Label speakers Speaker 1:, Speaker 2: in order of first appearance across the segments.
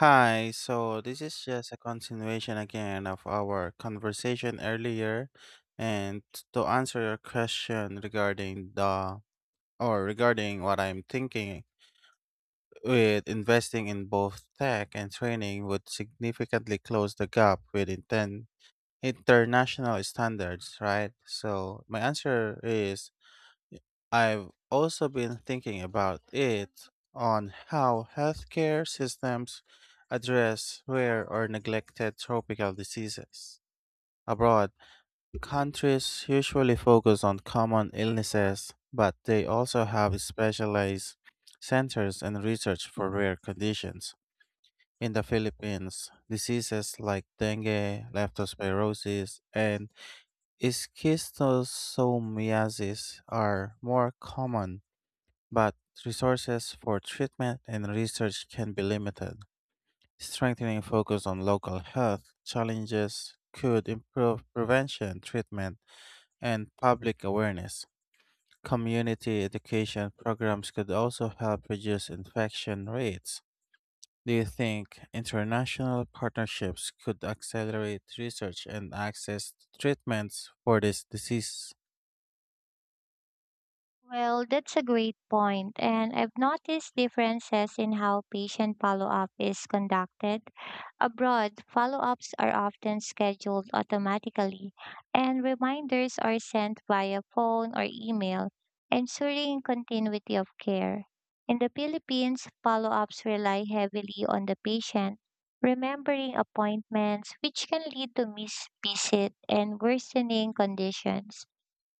Speaker 1: Hi, so this is just a continuation again of our conversation earlier, and to answer your question regarding the or regarding what I'm thinking, with investing in both tech and training would significantly close the gap with inten international standards, right? So my answer is I've also been thinking about it, on how healthcare systems address rare or neglected tropical diseases. Abroad, countries usually focus on common illnesses, but they also have specialized centers and research for rare conditions. In the Philippines, diseases like dengue, leptospirosis, and schistosomiasis are more common, but resources for treatment and research can be limited. Strengthening focus on local health challenges could improve prevention, treatment, and public awareness. Community education programs could also help reduce infection rates. Do you think international partnerships could accelerate research and access to treatments for this disease?
Speaker 2: Well, that's a great point, and I've noticed differences in how patient follow-up is conducted. Abroad, follow-ups are often scheduled automatically, and reminders are sent via phone or email, ensuring continuity of care. In the Philippines, follow-ups rely heavily on the patient remembering appointments, which can lead to missed visit and worsening conditions.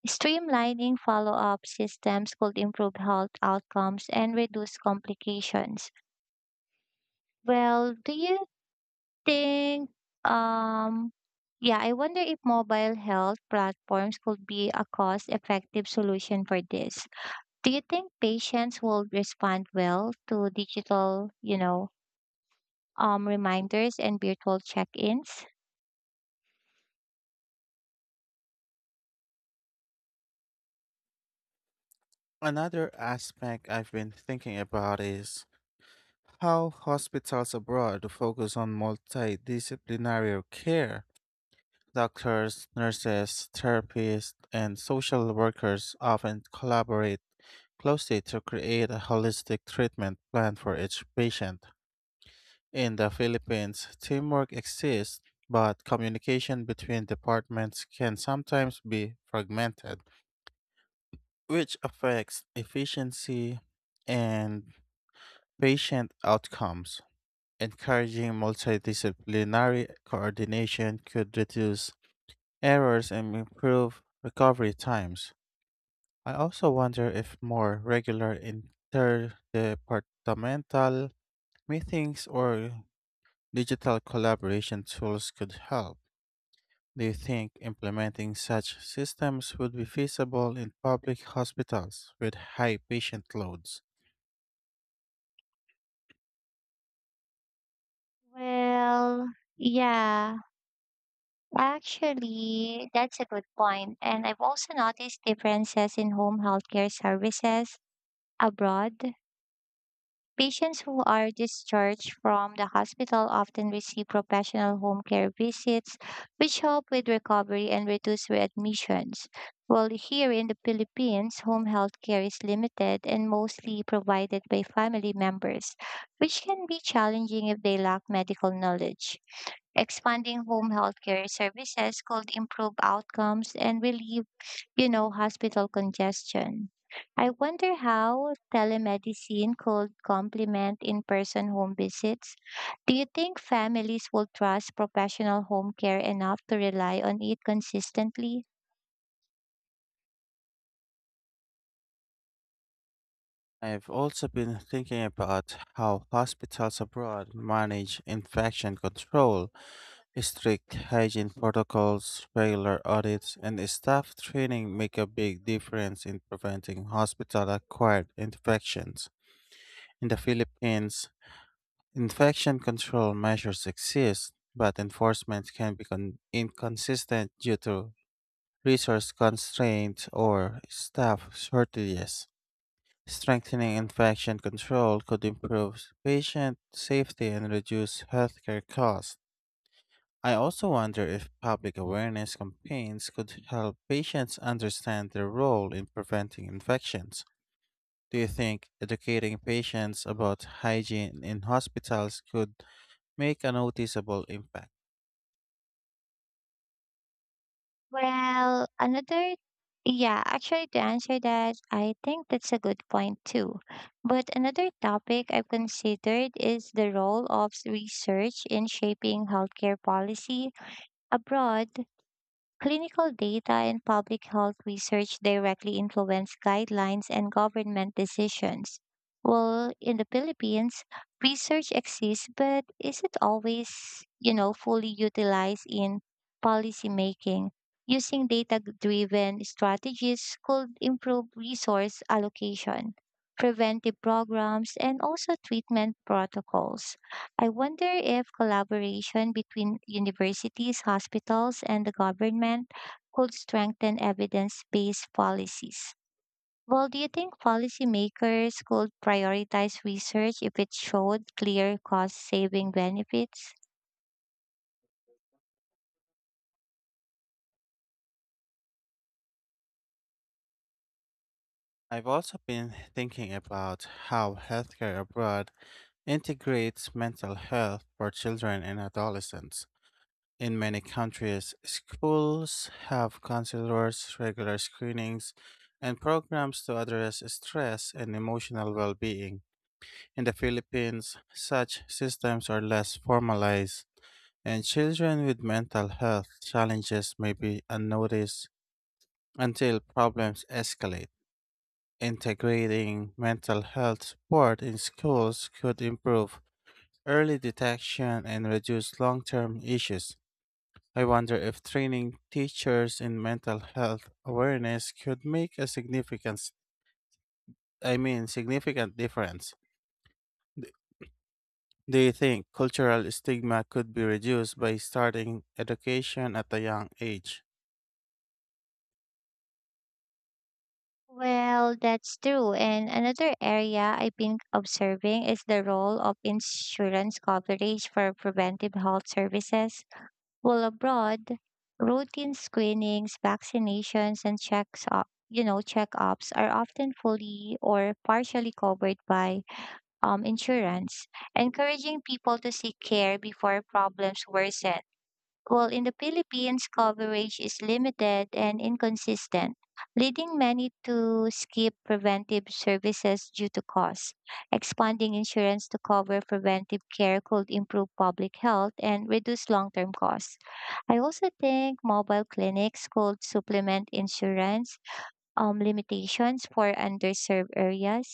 Speaker 2: Streamlining follow up systems could improve health outcomes and reduce complications. Well, do you think, um, yeah, I wonder if mobile health platforms could be a cost effective solution for this. Do you think patients will respond well to digital, reminders and virtual check ins?
Speaker 1: Another aspect I've been thinking about is how hospitals abroad focus on multidisciplinary care. Doctors, nurses, therapists, and social workers often collaborate closely to create a holistic treatment plan for each patient. In the Philippines, teamwork exists, but communication between departments can sometimes be fragmented, which affects efficiency and patient outcomes. Encouraging multidisciplinary coordination could reduce errors and improve recovery times. I also wonder if more regular interdepartmental meetings or digital collaboration tools could help. Do you think implementing such systems would be feasible in public hospitals with high patient loads?
Speaker 2: Well, yeah. Actually, that's a good point. And I've also noticed differences in home healthcare services abroad. Patients who are discharged from the hospital often receive professional home care visits, which help with recovery and reduce readmissions. While here in the Philippines, home health care is limited and mostly provided by family members, which can be challenging if they lack medical knowledge. Expanding home health care services could improve outcomes and relieve hospital congestion. I wonder how telemedicine could complement in person home visits. Do you think families will trust professional home care enough to rely on it consistently?
Speaker 1: I've also been thinking about how hospitals abroad manage infection control: strict hygiene protocols, regular audits, and staff training make a big difference in preventing hospital-acquired infections. In the Philippines, infection control measures exist, but enforcement can be inconsistent due to resource constraints or staff shortages. Strengthening infection control could improve patient safety and reduce healthcare costs. I also wonder if public awareness campaigns could help patients understand their role in preventing infections. Do you think educating patients about hygiene in hospitals could make a noticeable impact?
Speaker 2: Well, another, yeah, actually, to answer that, I think that's a good point too. But another topic I've considered is the role of research in shaping healthcare policy abroad. Clinical data and public health research directly influence guidelines and government decisions. Well, in the Philippines, research exists, but is it always fully utilized in policymaking? Using data-driven strategies could improve resource allocation, preventive programs, and also treatment protocols. I wonder if collaboration between universities, hospitals, and the government could strengthen evidence based policies. Well, do you think policymakers could prioritize research if it showed clear cost saving benefits?
Speaker 1: I've also been thinking about how healthcare abroad integrates mental health for children and adolescents. In many countries, schools have counselors, regular screenings, and programs to address stress and emotional well being. In the Philippines, such systems are less formalized, and children with mental health challenges may be unnoticed until problems escalate. Integrating mental health support in schools could improve early detection and reduce long term issues. I wonder if training teachers in mental health awareness could make a significance I mean significant difference. D- Do you think cultural stigma could be reduced by starting education at a young age?
Speaker 2: Well, that's true. And another area I've been observing is the role of insurance coverage for preventive health services. While abroad, routine screenings, vaccinations, and checks up, you know, checkups are often fully or partially covered by insurance, encouraging people to seek care before problems worsen. While in the Philippines, coverage is limited and inconsistent, leading many to skip preventive services due to cost. Expanding insurance to cover preventive care could improve public health and reduce long term costs. I also think mobile clinics could supplement insurance limitations for underserved areas.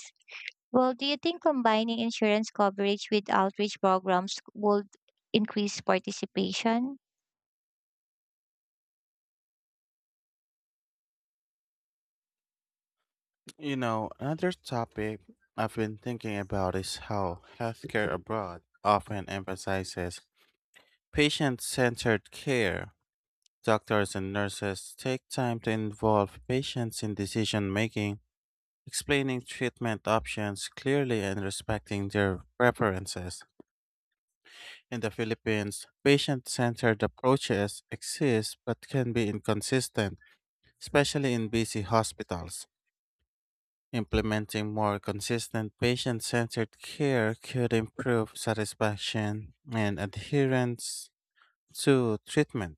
Speaker 2: Well, do you think combining insurance coverage with outreach programs would increase participation?
Speaker 1: You know, another topic I've been thinking about is how healthcare abroad often emphasizes patient centered care. Doctors and nurses take time to involve patients in decision making, explaining treatment options clearly and respecting their preferences. In the Philippines, patient centered approaches exist but can be inconsistent, especially in busy hospitals. Implementing more consistent patient centered care could improve satisfaction and adherence to treatment.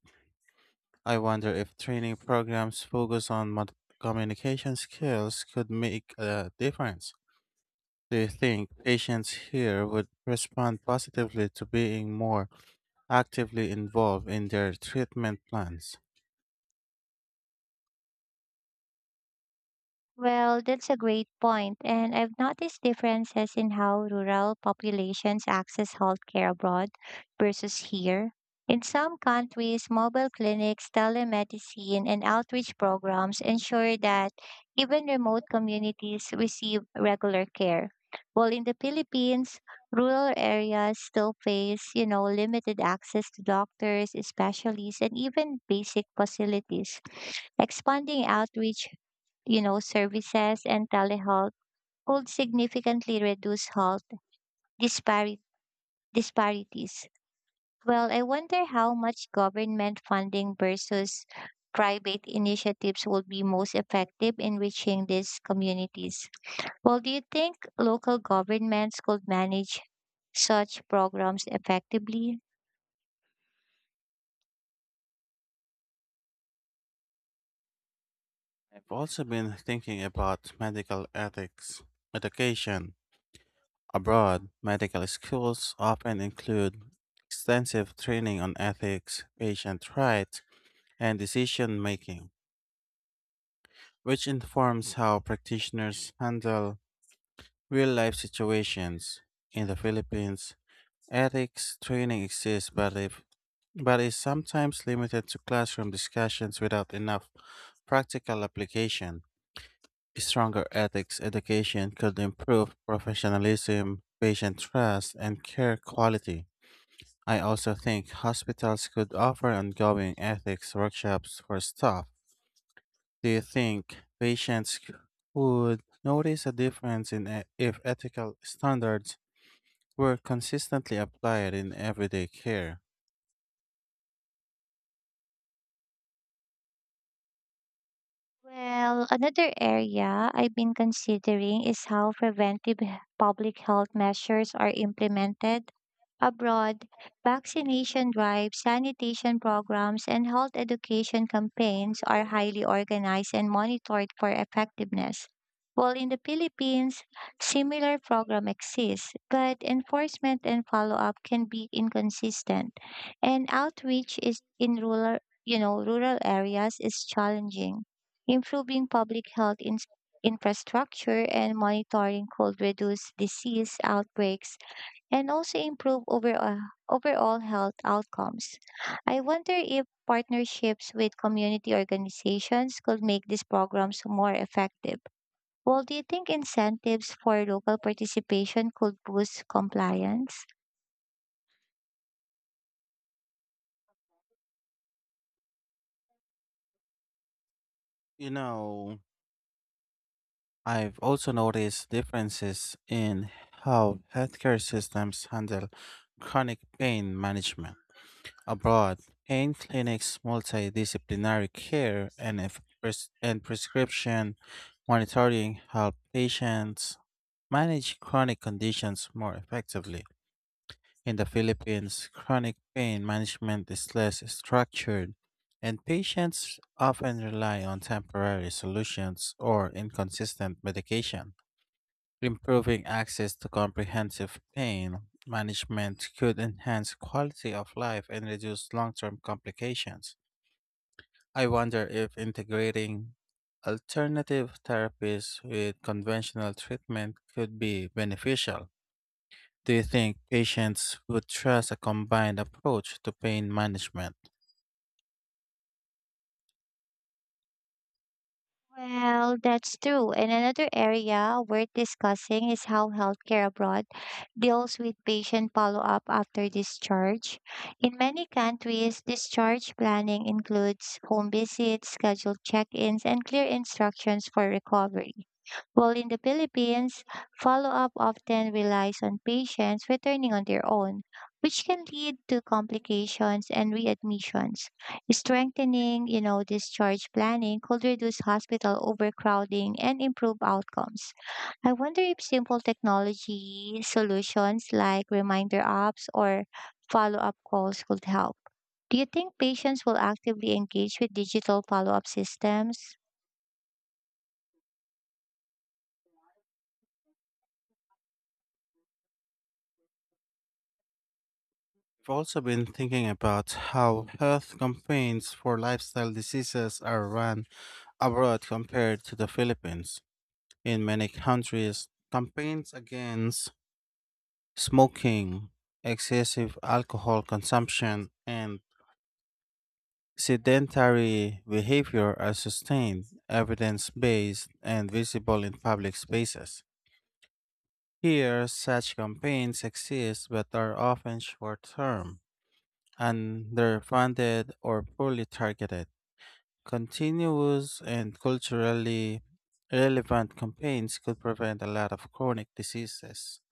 Speaker 1: I wonder if training programs focused on communication skills could make a difference. Do you think patients here would respond positively to being more actively involved in their treatment plans?
Speaker 2: Well, that's a great point, and I've noticed differences in how rural populations access healthcare abroad versus here. In some countries, mobile clinics, telemedicine, and outreach programs ensure that even remote communities receive regular care. While in the Philippines, rural areas still face limited access to doctors, specialists, and even basic facilities. Expanding outreach services and telehealth could significantly reduce health dispari- disparities. Well, I wonder how much government funding versus private initiatives will be most effective in reaching these communities. Well, do you think local governments could manage such programs effectively?
Speaker 1: I've also been thinking about medical ethics education. Abroad, medical schools often include extensive training on ethics, patient rights, and decision making, which informs how practitioners handle real life situations. In the Philippines, ethics training exists, but if but is sometimes limited to classroom discussions without enough practical application. Stronger ethics education could improve professionalism, patient trust, and care quality. I also think hospitals could offer ongoing ethics workshops for staff. Do you think patients would notice a difference in if ethical standards were consistently applied in everyday care?
Speaker 2: Well, another area I've been considering is how preventive public health measures are implemented abroad. Vaccination drives, sanitation programs, and health education campaigns are highly organized and monitored for effectiveness. While in the Philippines, similar program exists, but enforcement and follow-up can be inconsistent, and outreach is in rural areas is challenging. Improving public health infrastructure and monitoring could reduce disease outbreaks and also improve overall health outcomes. I wonder if partnerships with community organizations could make these programs more effective. Well, do you think incentives for local participation could boost compliance?
Speaker 1: You know, I've also noticed differences in how healthcare systems handle chronic pain management. Abroad, pain clinics, multidisciplinary care, and, if pres- and prescription monitoring help patients manage chronic conditions more effectively. In the Philippines, chronic pain management is less structured, and patients often rely on temporary solutions or inconsistent medication. Improving access to comprehensive pain management could enhance quality of life and reduce long term complications. I wonder if integrating alternative therapies with conventional treatment could be beneficial. Do you think patients would trust a combined approach to pain management?
Speaker 2: Well, that's true. And another area worth discussing is how healthcare abroad deals with patient follow-up after discharge. In many countries, discharge planning includes home visits, scheduled check-ins, and clear instructions for recovery. While in the Philippines, follow-up often relies on patients returning on their own, which can lead to complications and readmissions. Strengthening discharge planning could reduce hospital overcrowding and improve outcomes. I wonder if simple technology solutions like reminder apps or follow up calls could help. Do you think patients will actively engage with digital follow up systems?
Speaker 1: I've also been thinking about how health campaigns for lifestyle diseases are run abroad compared to the Philippines. In many countries, campaigns against smoking, excessive alcohol consumption, and sedentary behavior are sustained, evidence based, and visible in public spaces. Here, such campaigns exist but are often short term, underfunded, or poorly targeted. Continuous and culturally relevant campaigns could prevent a lot of chronic diseases.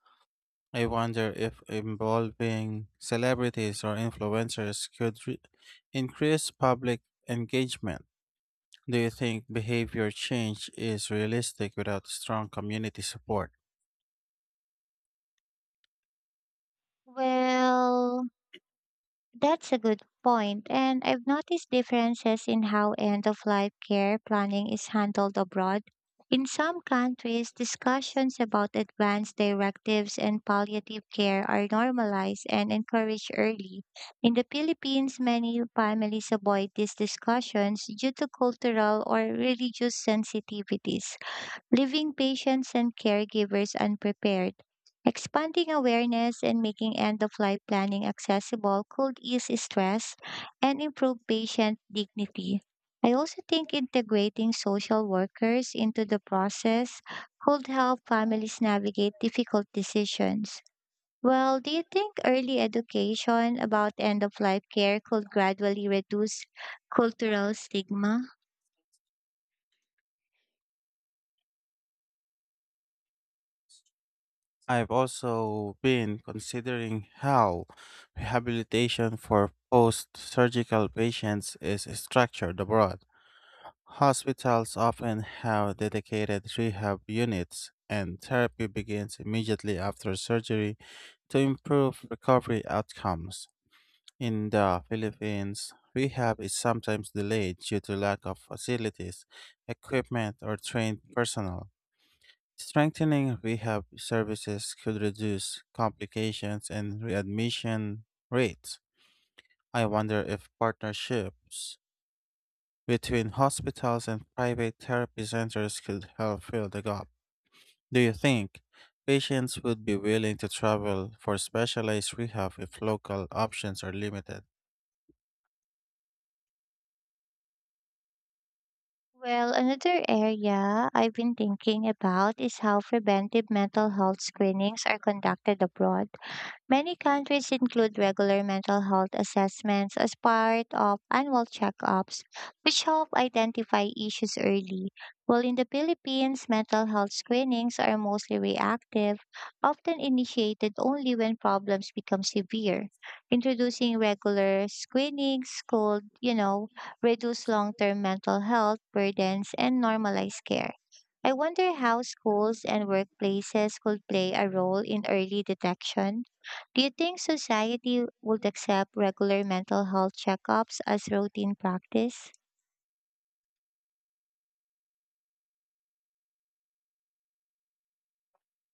Speaker 1: I wonder if involving celebrities or influencers could increase public engagement. Do you think behavior change is realistic without strong community support?
Speaker 2: Well, that's a good point, and I've noticed differences in how end of life care planning is handled abroad. In some countries, discussions about advanced directives and palliative care are normalized and encouraged early. In the Philippines, many families avoid these discussions due to cultural or religious sensitivities leaving patients and caregivers unprepared. Expanding awareness and making end of life planning accessible could ease stress and improve patient dignity. I also think integrating social workers into the process could help families navigate difficult decisions. Well, do you think early education about end of life care could gradually reduce cultural stigma?
Speaker 1: I've also been considering how rehabilitation for post surgical patients is structured abroad. Hospitals often have dedicated rehab units, and therapy begins immediately after surgery to improve recovery outcomes. In the Philippines, rehab is sometimes delayed due to lack of facilities, equipment, or trained personnel. Strengthening rehab services could reduce complications and readmission rates. I wonder if partnerships between hospitals and private therapy centers could help fill the gap. Do you think patients would be willing to travel for specialized rehab if local options are limited?
Speaker 2: Well, another area I've been thinking about is how preventive mental health screenings are conducted abroad. Many countries include regular mental health assessments as part of annual checkups, which help identify issues early. While in the Philippines, mental health screenings are mostly reactive, often initiated only when problems become severe. Introducing regular screenings could reduce long term mental health burdens and normalize care. I wonder how schools and workplaces could play a role in early detection. Do you think society would accept regular mental health checkups as routine practice?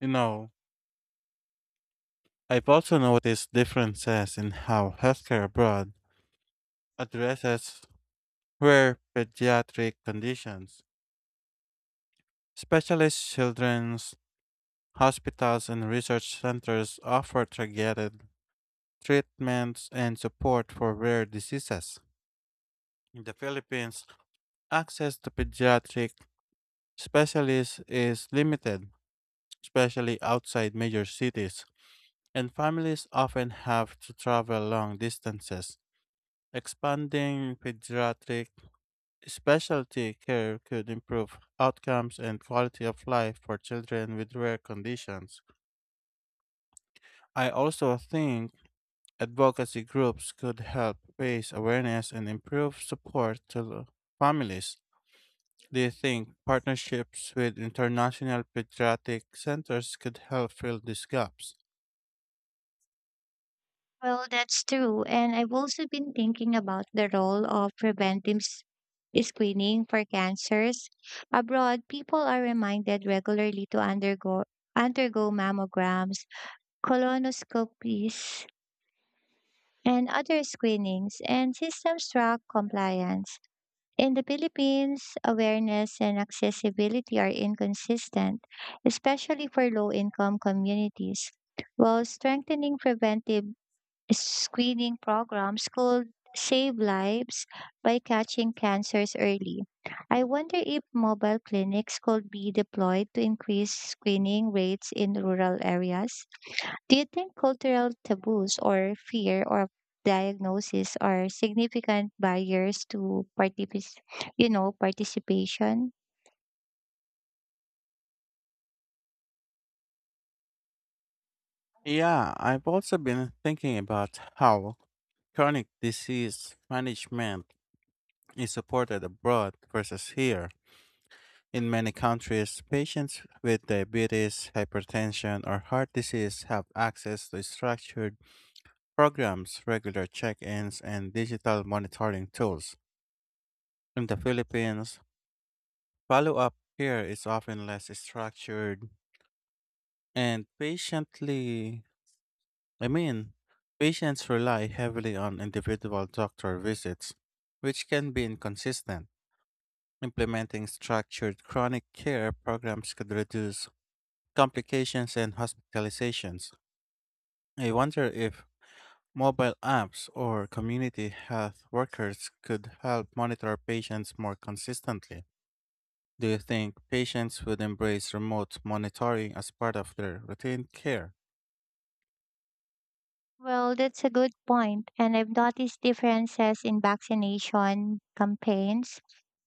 Speaker 1: You know, I've also noticed differences in how healthcare abroad addresses rare pediatric conditions. Specialist children's hospitals and research centers offer targeted treatments and support for rare diseases. In the Philippines, access to pediatric specialists is limited, especially outside major cities, and families often have to travel long distances. Expanding pediatric specialty care could improve outcomes and quality of life for children with rare conditions. I also think advocacy groups could help raise awareness and improve support to the families. Do you think partnerships with international pediatric centers could help fill these gaps?
Speaker 2: Well, that's true. And I've also been thinking about the role of preventive screening for cancers. Abroad, people are reminded regularly to undergo mammograms, colonoscopies, and other screenings, and systems track compliance. In the Philippines, awareness and accessibility are inconsistent, especially for low income communities. While strengthening preventive screening programs could save lives by catching cancers early. I wonder if mobile clinics could be deployed to increase screening rates in rural areas. Do you think cultural taboos or fear of diagnosis are significant barriers to participation?
Speaker 1: Yeah, I've also been thinking about how chronic disease management is supported abroad versus here. In many countries, patients with diabetes, hypertension, or heart disease have access to structured programs, regular check ins, and digital monitoring tools. In the Philippines, follow up care is often less structured, and I mean, patients rely heavily on individual doctor visits, which can be inconsistent. Implementing structured chronic care programs could reduce complications and hospitalizations. I wonder if mobile apps or community health workers could help monitor patients more consistently. Do you think patients would embrace remote monitoring as part of their routine care?
Speaker 2: Well, that's a good point. And I've noticed differences in vaccination campaigns.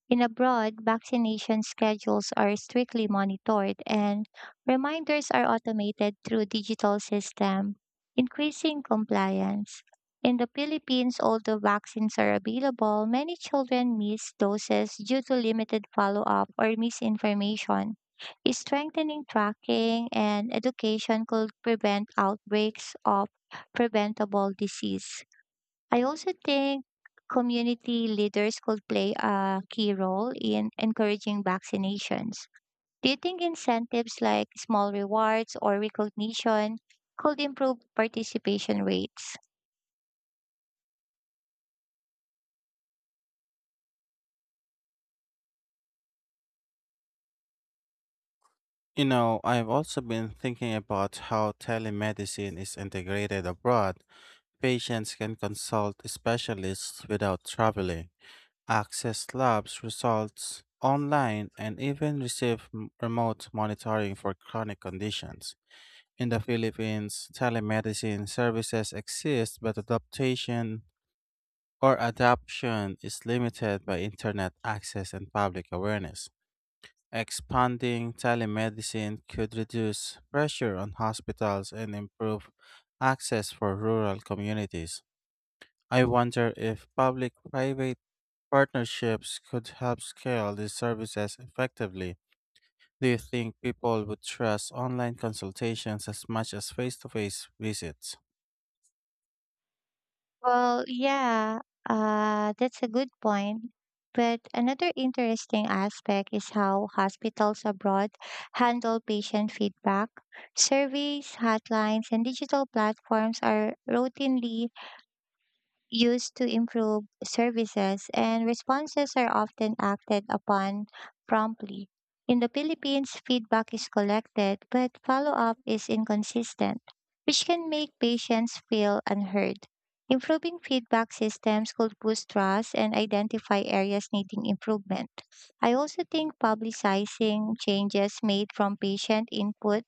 Speaker 2: In abroad, vaccination schedules are strictly monitored and reminders are automated through digital system, increasing compliance. In the Philippines, although vaccines are available, many children miss doses due to limited follow-up or misinformation. Strengthening tracking and education could prevent outbreaks of preventable disease. I also think community leaders could play a key role in encouraging vaccinations. Do you think incentives like small rewards or recognition could improve participation rates?
Speaker 1: You know, I've also been thinking about how telemedicine is integrated abroad. Patients can consult specialists without traveling, access labs results online, and even receive remote monitoring for chronic conditions. In the Philippines, telemedicine services exist, but adaptation or adoption is limited by internet access and public awareness. Expanding telemedicine could reduce pressure on hospitals and improve access for rural communities. I wonder if public private partnerships could help scale these services effectively. Do you think people would trust online consultations as much as face to face visits?
Speaker 2: Well, yeah, that's a good point. But another interesting aspect is how hospitals abroad handle patient feedback. Surveys, hotlines, and digital platforms are routinely used to improve services, and responses are often acted upon promptly. In the Philippines, feedback is collected, but follow up is inconsistent, which can make patients feel unheard. Improving feedback systems could boost trust and identify areas needing improvement. I also think publicizing changes made from patient input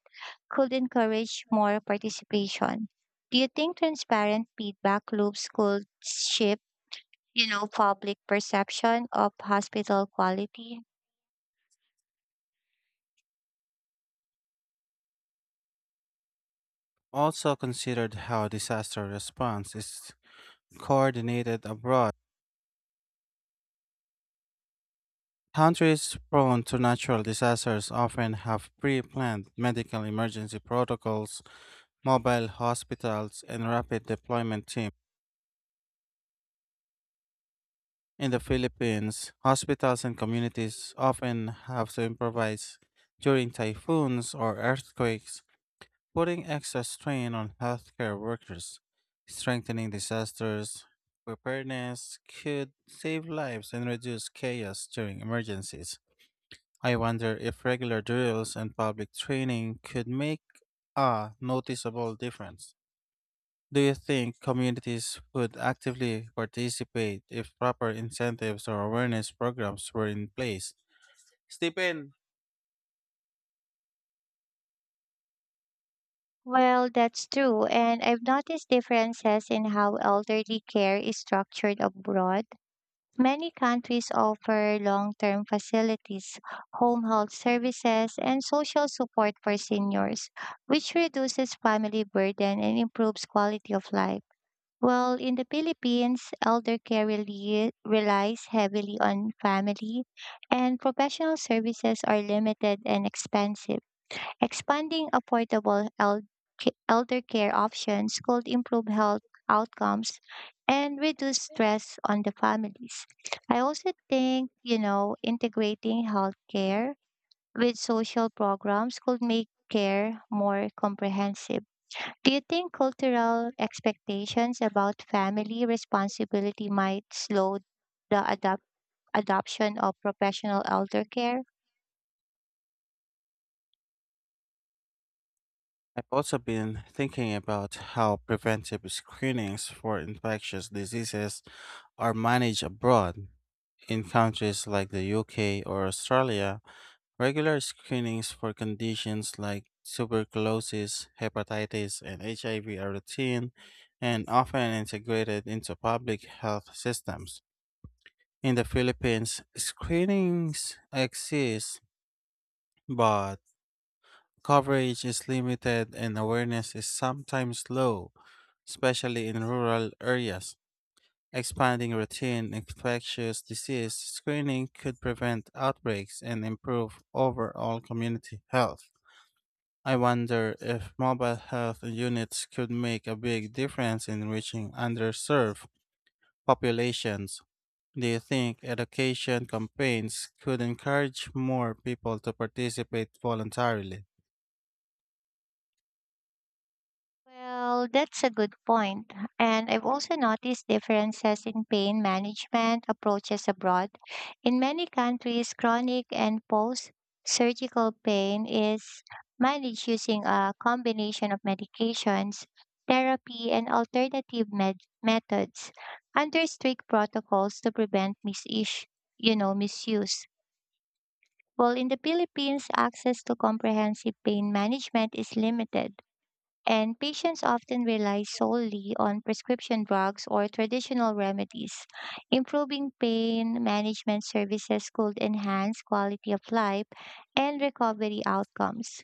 Speaker 2: could encourage more participation. Do you think transparent feedback loops could shift public perception of hospital quality?
Speaker 1: Also, considered how disaster response is coordinated abroad. Countries prone to natural disasters often have pre planned medical emergency protocols, mobile hospitals, and rapid deployment teams. In the Philippines, hospitals and communities often have to improvise during typhoons or earthquakes, putting extra strain on healthcare workers. Strengthening disasters preparedness could save lives and reduce chaos during emergencies. I wonder if regular drills and public training could make a noticeable difference. Do you think communities would actively participate if proper incentives or awareness programs were in place? Stephen,
Speaker 2: Well, that's true, and I've noticed differences in how elderly care is structured abroad. Many countries offer long-term facilities, home health services, and social support for seniors, which reduces family burden and improves quality of life. Well, in the Philippines, elder care really relies heavily on family, and professional services are limited and expensive. Expanding affordable elder care options could improve health outcomes and reduce stress on the families. I also think integrating healthcare with social programs could make care more comprehensive. Do you think cultural expectations about family responsibility might slow the adoption of professional elder care?
Speaker 1: I've also been thinking about how preventive screenings for infectious diseases are managed abroad. In countries like the UK or Australia, regular screenings for conditions like tuberculosis, hepatitis, and HIV are routine and often integrated into public health systems. In the Philippines, screenings exist, but coverage is limited and awareness is sometimes low, especially in rural areas. Expanding routine infectious disease screening could prevent outbreaks and improve overall community health. I wonder if mobile health units could make a big difference in reaching underserved populations. Do you think education campaigns could encourage more people to participate voluntarily?
Speaker 2: Well, that's a good point. And I've also noticed differences in pain management approaches abroad. In many countries, chronic and post surgical pain is managed using a combination of medications, therapy, and alternative methods under strict protocols to prevent misuse. While in the Philippines, access to comprehensive pain management is limited and patients often rely solely on prescription drugs or traditional remedies. Improving pain management services could enhance quality of life and recovery outcomes.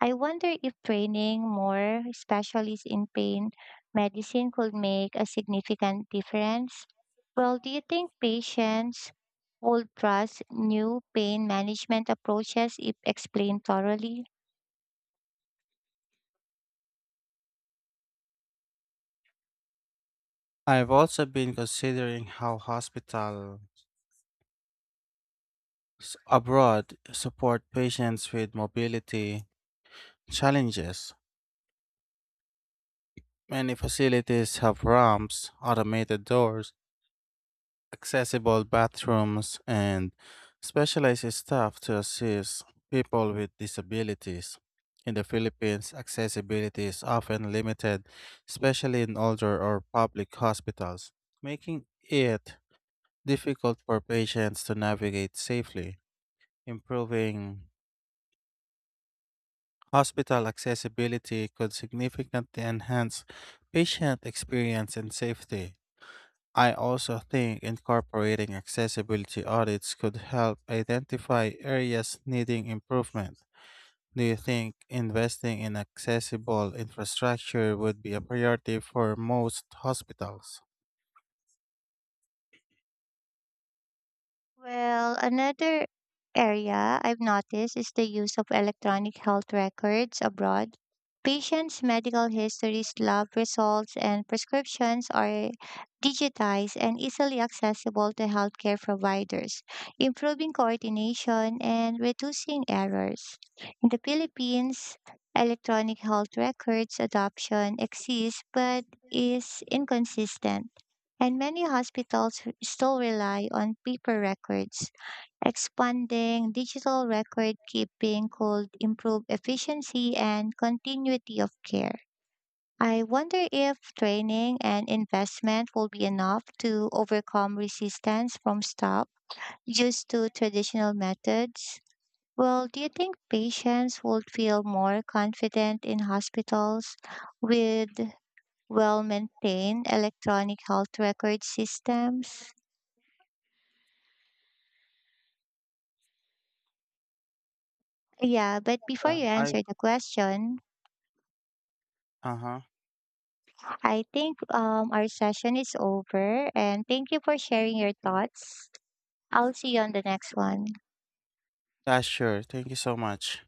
Speaker 2: I wonder if training more specialists in pain medicine could make a significant difference. Well, do you think patients would trust new pain management approaches if explained thoroughly?
Speaker 1: I've also been considering how hospitals abroad support patients with mobility challenges. Many facilities have ramps, automated doors, accessible bathrooms, and specialized staff to assist people with disabilities. In the Philippines, accessibility is often limited, especially in older or public hospitals, making it difficult for patients to navigate safely. Improving hospital accessibility could significantly enhance patient experience and safety. I also think incorporating accessibility audits could help identify areas needing improvement. Do you think investing in accessible infrastructure would be a priority for most hospitals?
Speaker 2: Well, another area I've noticed is the use of electronic health records abroad. Patients' medical histories, lab results, and prescriptions are digitized and easily accessible to healthcare providers, improving coordination and reducing errors. In the Philippines, electronic health records adoption exists but is inconsistent and many hospitals still rely on paper records. Expanding digital record keeping could improve efficiency and continuity of care. I wonder if training and investment will be enough to overcome resistance from staff used to traditional methods. Well, do you think patients would feel more confident in hospitals with well maintained electronic health record systems? Yeah, but before
Speaker 1: Yeah,
Speaker 2: you
Speaker 1: I
Speaker 2: answer the question,
Speaker 1: uh huh.
Speaker 2: I think our session is over and thank you for sharing your thoughts. I'll see you on the next one.
Speaker 1: Yeah, sure. Thank you so much.